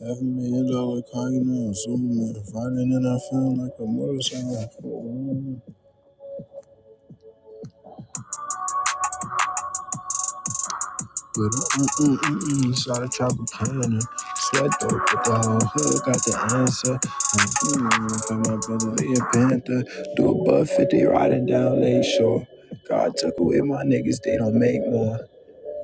Half a million dollar car, you know, I'm Superman. Riding and I feel like a motorcycle. But mm-mm-mm-mm, shot a Tropicana. Sweat though, but the whole hood got the answer. Mm-mm, got my brother Lee Panther. Do a buck 50 riding down Lake Shore. God took away my niggas, they don't make more.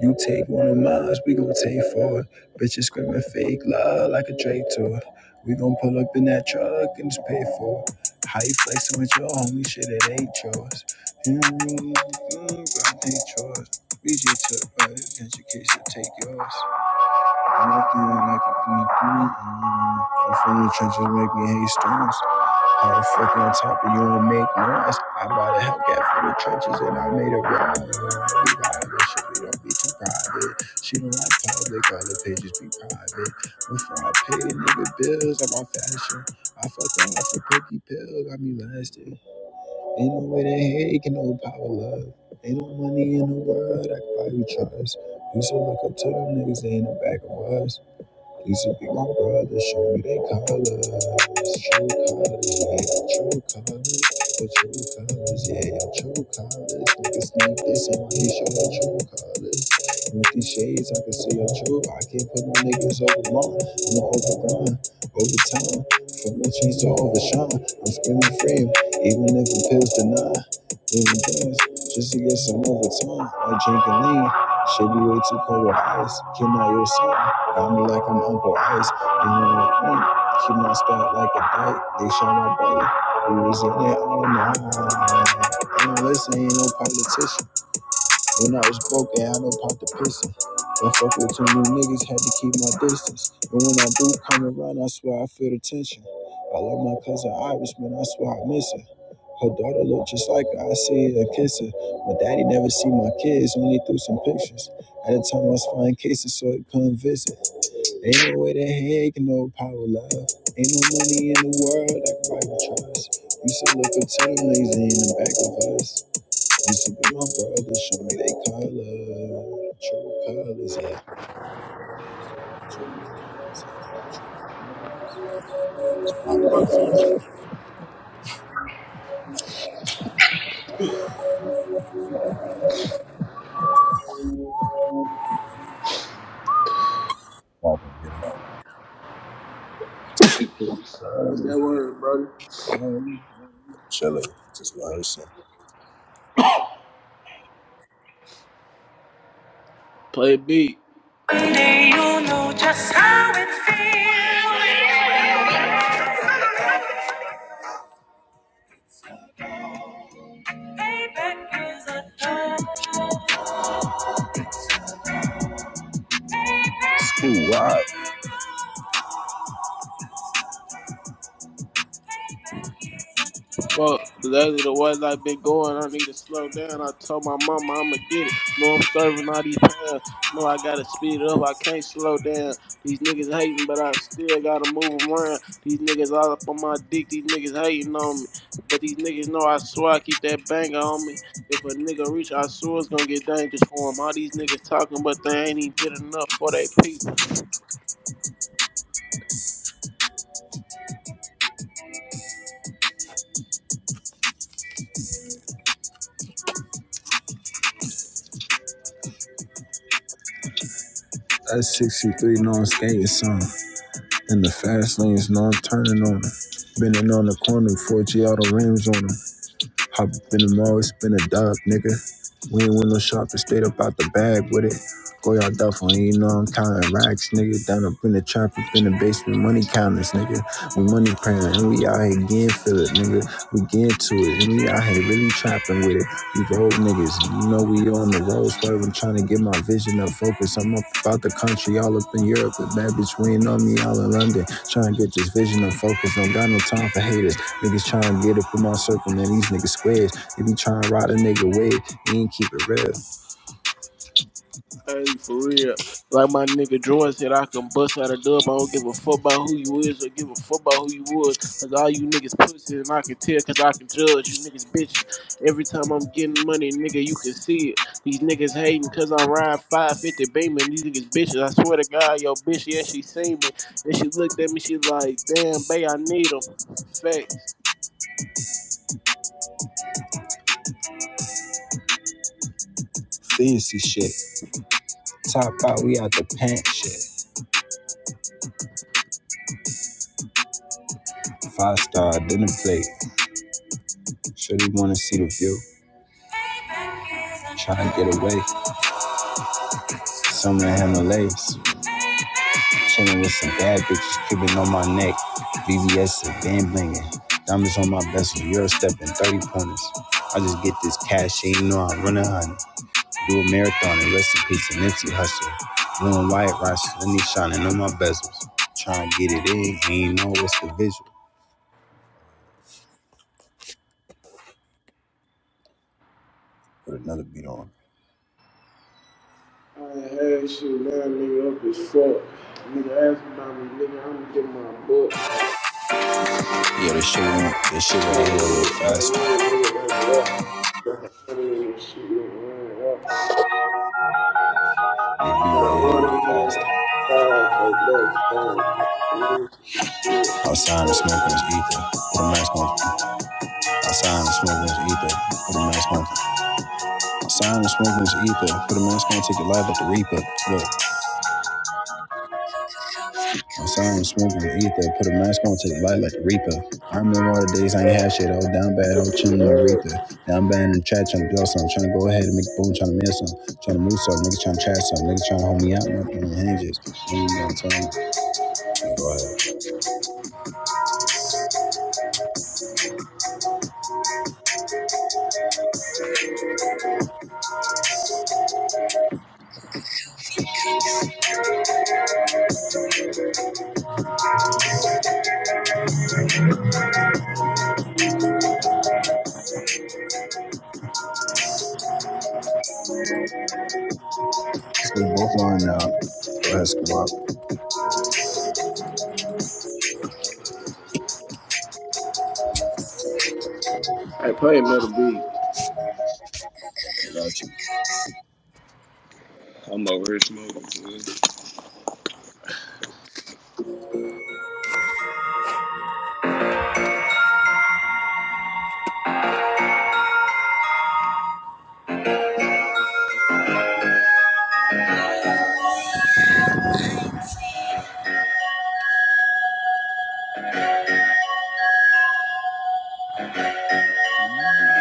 You take one of mine, we gon' take four. Bitches screaming fake love like a Drake tour. We gon' pull up in that truck and just pay for it. How you flexing with your homie? Shit, it ain't yours. Mm-hmm, mm ain't yours. We just took private education, take yours. I like you, I like you, mm, mm, mm. I'm from the trenches, make me hate stones. Motherfucker on top of you and make noise. I bought a Hellcat for the trenches and I made a ride. We got it, shit, we don't be too private. She don't like public, all the pages be private. Before I pay a nigga bills, I'm on fashion. I fucked her off a cookie pill, got me lasting. Ain't no way that hate can no power love. Ain't no money in the world I can buy you trust. Used to look up to them niggas, they in the back of us. Please be my brother, show me they colors. True colors, yeah, true colors. The true colors, yeah, yeah, true colors. Niggas sneak this in my he show the true colors. With these shades, I can see your truth. I can't put no niggas over mine. I'ma overrun, over time. From the trees to overshine. I'm screaming free, even if the pills deny. Living things, just to get some overtime. Like and lean. Should be way too cold with ice. Can I your son? I'm like I'm over ice. And you're like, mm, keep my spot like a bite. They shot my brother. We was in it all night. And listen, ain't no politician. When I was broke, I had no pop the piston. Don't fuck with two new niggas, had to keep my distance. And when I do come around, I swear I feel the tension. I love my cousin Iris, man, I swear I miss her. Her daughter look just like her, I see her kiss her. My daddy never see my kids, only through some pictures. At the time I was flying cases, so he couldn't visit. Ain't no way to heck, no power, love. Ain't no money in the world I can buy your trust. Used to look up to them niggas in the back of us. Used to be my brother, show me they color. True colors, yeah. True colors, yeah. True colors. It's poppin', poppin', you know. True What's that colors, yeah. word, brother? Um, Chillin', just rehearsing. Play beat. One day you'll know just how it feels. Payback is a dog. Ooh, wow. Fuck. Lately, the way I've been going, I need to slow down. I told my mama I'ma get it. No, I'm serving all these pounds. No, I gotta speed it up. I can't slow down. These niggas hating, but I still gotta move 'em around. These niggas all up on my dick. These niggas hating on me. But these niggas know I swear I keep that banger on me. If a nigga reach, I swear it's gonna get dangerous for him. All these niggas talking, but they ain't even did enough for they people. That's 63 no, I'm skating some, In the fast lanes, no, I'm turning on them. Bending on the corner, 4G auto rims on them. Hop up in the mall, it's been a dub, nigga. We ain't win no shopping, straight up out the bag with it. Go y'all duffel, and you know I'm counting racks, nigga. Down up in the trap, up in the basement, money counters, nigga. We money printing, and we out here getting feel it, nigga. We getting to it, and we out here really trapping with it. You road niggas, you know we on the road swerving, trying to get my vision up focus. I'm up about the country, all up in Europe. The bad bitch waiting on me, all in London. Trying to get this vision up focus. Don't got no time for haters. Niggas trying to get up in my circle, man. These niggas squares. They be trying to ride a nigga wave. He ain't keep it real. Hey, for real. Like my nigga Jordan said, I can bust out a dub. I don't give a fuck about who you is or give a fuck about who you was. Cause all you niggas pussy and I can tell cause I can judge you niggas bitches. Every time I'm getting money, nigga, you can see it. These niggas hating cause I'm riding 550 Beamer and these niggas bitches. I swear to God, yo bitch, yeah, she seen me. And she looked at me, she like, damn, bae, I need 'em. Facts. Fancy shit. Top out, we out the pant shit. Five star dinner plate. Sure they wanna see the view. Trying to get away. Some that have no legs. Chilling with some bad bitches, Cuban on my neck, VVS and band blinging. Diamonds on my vessel, Euro stepping, 30 pointers. I just get this cash, she ain't know I'm running honey. Do a marathon and rest in peace, an empty hustle. Blue and white rocks, let me shining on my bezels. Trying to get it in, ain't know what's the visual. Put another beat on. I ain't had shit, man, nigga, up as fuck. Nigga, ask me about me, nigga, I'm gonna get my book. Yeah, this shit, went- this shit right here a little faster. This beat right here a little faster. Outside and smoking this ether. Put a mask on. Outside and smoking this ether. Put a mask on. My sound is smoking as ether. Put a mask on, take it live like the reaper. Look, my sound is smoking as ether. Put a mask on, take it live like the reaper. I remember all the days I ain't had shit. I was down bad, I was chilling in Aretha. Down bad in the chat, trying to blow some. Trying to go ahead and make a boom, trying to miss some. Trying to move some. Niggas trying to chat some. Niggas trying to hold me out. No, doing hinges. You ain't gonna tell me. Go ahead. Scoop both line out. Go ahead, squat. Nah, I I play another beat. am over here smoking. fool.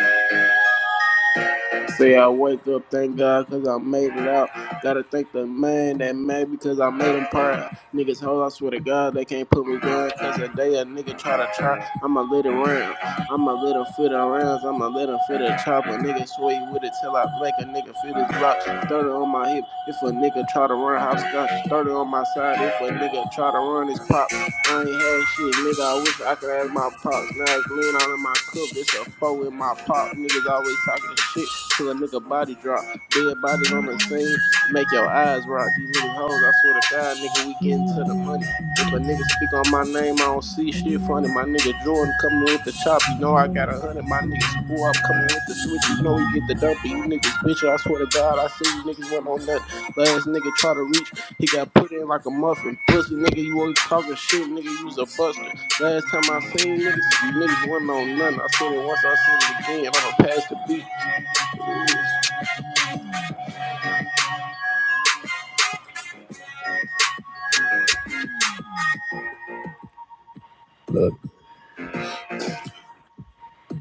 Say I wake up, thank God, cause I made it out. Gotta thank the man that made me, cause I made him proud. Niggas hold, I swear to God, they can't put me down, cause a day a nigga try to try, I'ma let it round. I'ma let him fit around, I'ma let him fit a chopper. Nigga sway with it till I make a nigga feel his Glock. 30 on my hip, if a nigga try to run hopscotch. 30 on my side, if a nigga try to run his pop. I ain't had shit, nigga. I wish I could have my pops. Now it's lean all in my cup. This a foe in my pop. Niggas always talking shit till a nigga body drop. Dead bodies on the scene make your eyes rock. These niggas hoes. I swear to God, nigga, we getting to the money. If a nigga speak on my name, I don't see shit funny. My nigga Jordan coming with the chop. You know I got a hundred. My nigga screw up coming with the switch. You know he get the dump. You niggas bitch. I swear to God, I see you niggas want on nothing. Last nigga try to reach, he got put in like a muffin. Pussy nigga, you always talking shit, nigga, you a buster. Last time I seen niggas, you niggas wasn't on nothing. I said it once, I said it again. I'ma pass the beat. Look.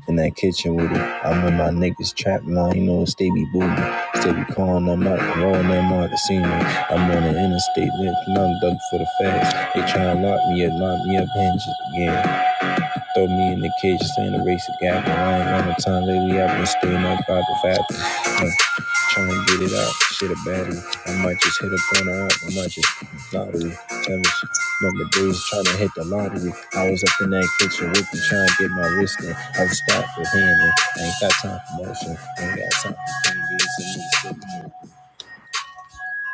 in that kitchen with it. I remember my niggas trap line, you know, stay be boomin'. Stay be calling them out, rolling them out the scene. I'm on the interstate, lifting, I'm dug for the fast. They try to lock me up, lock me up, hinges again. Throw me in the cage, saying the race a gap. I ain't got no time lately. I've been staying up by the bathroom. Uh, trying to get it out. Shit, a battery. I might just hit a corner out. I might just lottery. Damn it. Remember days trying to hit the lottery. I was up in that kitchen with you trying to get my wrist in. I was stopped with hand in. I ain't got time for motion. I ain't got time for pain.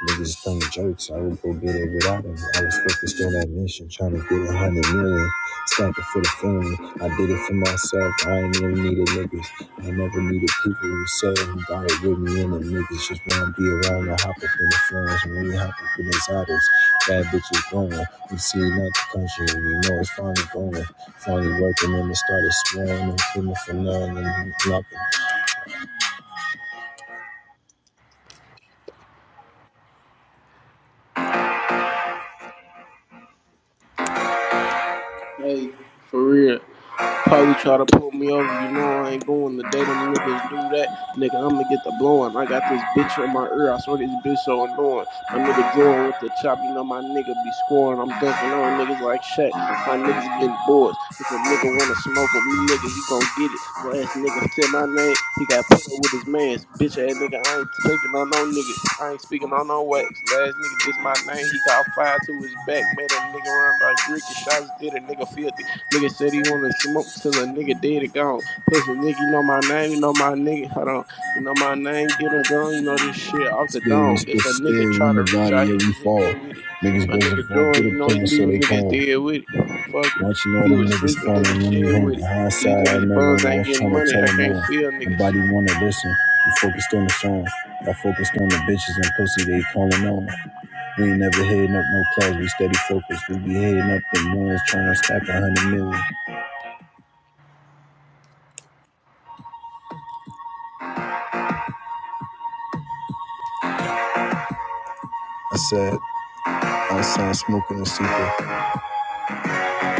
Niggas playing jokes. I would go get it without him. I was focused on that mission, trying to get a hundred million. Stopping for the family. I did it for myself. I ain't never needed niggas. I never needed people who said who got it with me and the niggas. Just wanna be around and hop up in the phones and when we hop up in these autos. Bad bitches going. We see not the country. and We know it's finally going. Finally working and it started swearing and feeling for none and knocking Hey, for real. Probably try to pull me over. You know I ain't going the day them niggas do that. Nigga, I'ma get the blowing. I got this bitch in my ear. I swear this bitch so annoying. My nigga drawing with the chop. You know my nigga be scoring. I'm dunking on niggas like Shaq. My niggas getting boards. If a nigga wanna smoke with me, nigga, he gon' get it. Last nigga said my name. He got put up with his mans. Bitch ass nigga. I ain't speaking on no nigga. I ain't speaking on no wax. Last nigga this my name. He got fired to his back. Made a nigga run like Ricky. Shots did a nigga feel Nigga said he wanna smoke till a nigga dead and gone. Pussy nigga, you know my name, you know my nigga. Hold on, you know my name, get him gone, you know this shit off the Still, we dome. still If a nigga still try in to the reach, valley, I yeah, hit we his fall. head with it. Niggas My wasn't nigga fall through Jordan, you the know he plan, so leaving they niggas call. dead with it. Fuck it. Watching all He them was niggas sleeping in the falling when we shed hang with it. These hindsight. I niggas remember buns when I ain't was getting trying to money. tell I them can't all. feel niggas. Nobody wanna listen. We focused on the song. I focused on the bitches and pussy they calling on. We ain't never heading up no clouds, we steady focused. We be heading up the ones trying to stack a hundred million. I said, outside smoking a super.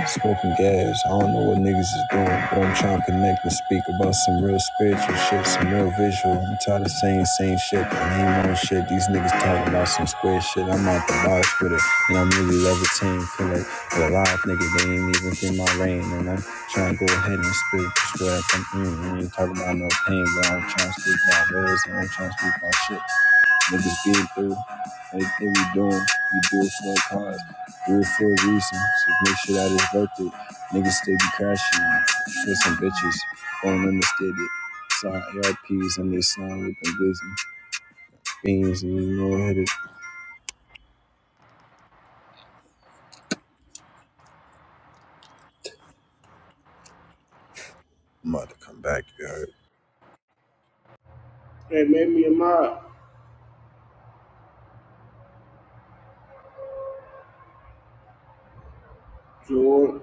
Smoking gas, I don't know what niggas is doing, but I'm trying to connect and speak about some real spiritual shit, some real visual. I'm tired of saying same shit, the name on shit. These niggas talking about some square shit. I'm out the box with it, and I'm really levitating. Feel like a live nigga, they ain't even in my lane, and I'm trying to go ahead and speak just I come through. ain't talking about no pain, but I'm trying to speak my reals, and I'm trying to speak my shit. Niggas been through everything we doing. We do it for a cause. Do it for a reason. So make sure that it's worth it. Niggas still be crashing for some bitches. Won't understand it. Saw ARPs and they slime with them busy beams and you know it. Yeah, my Jordan.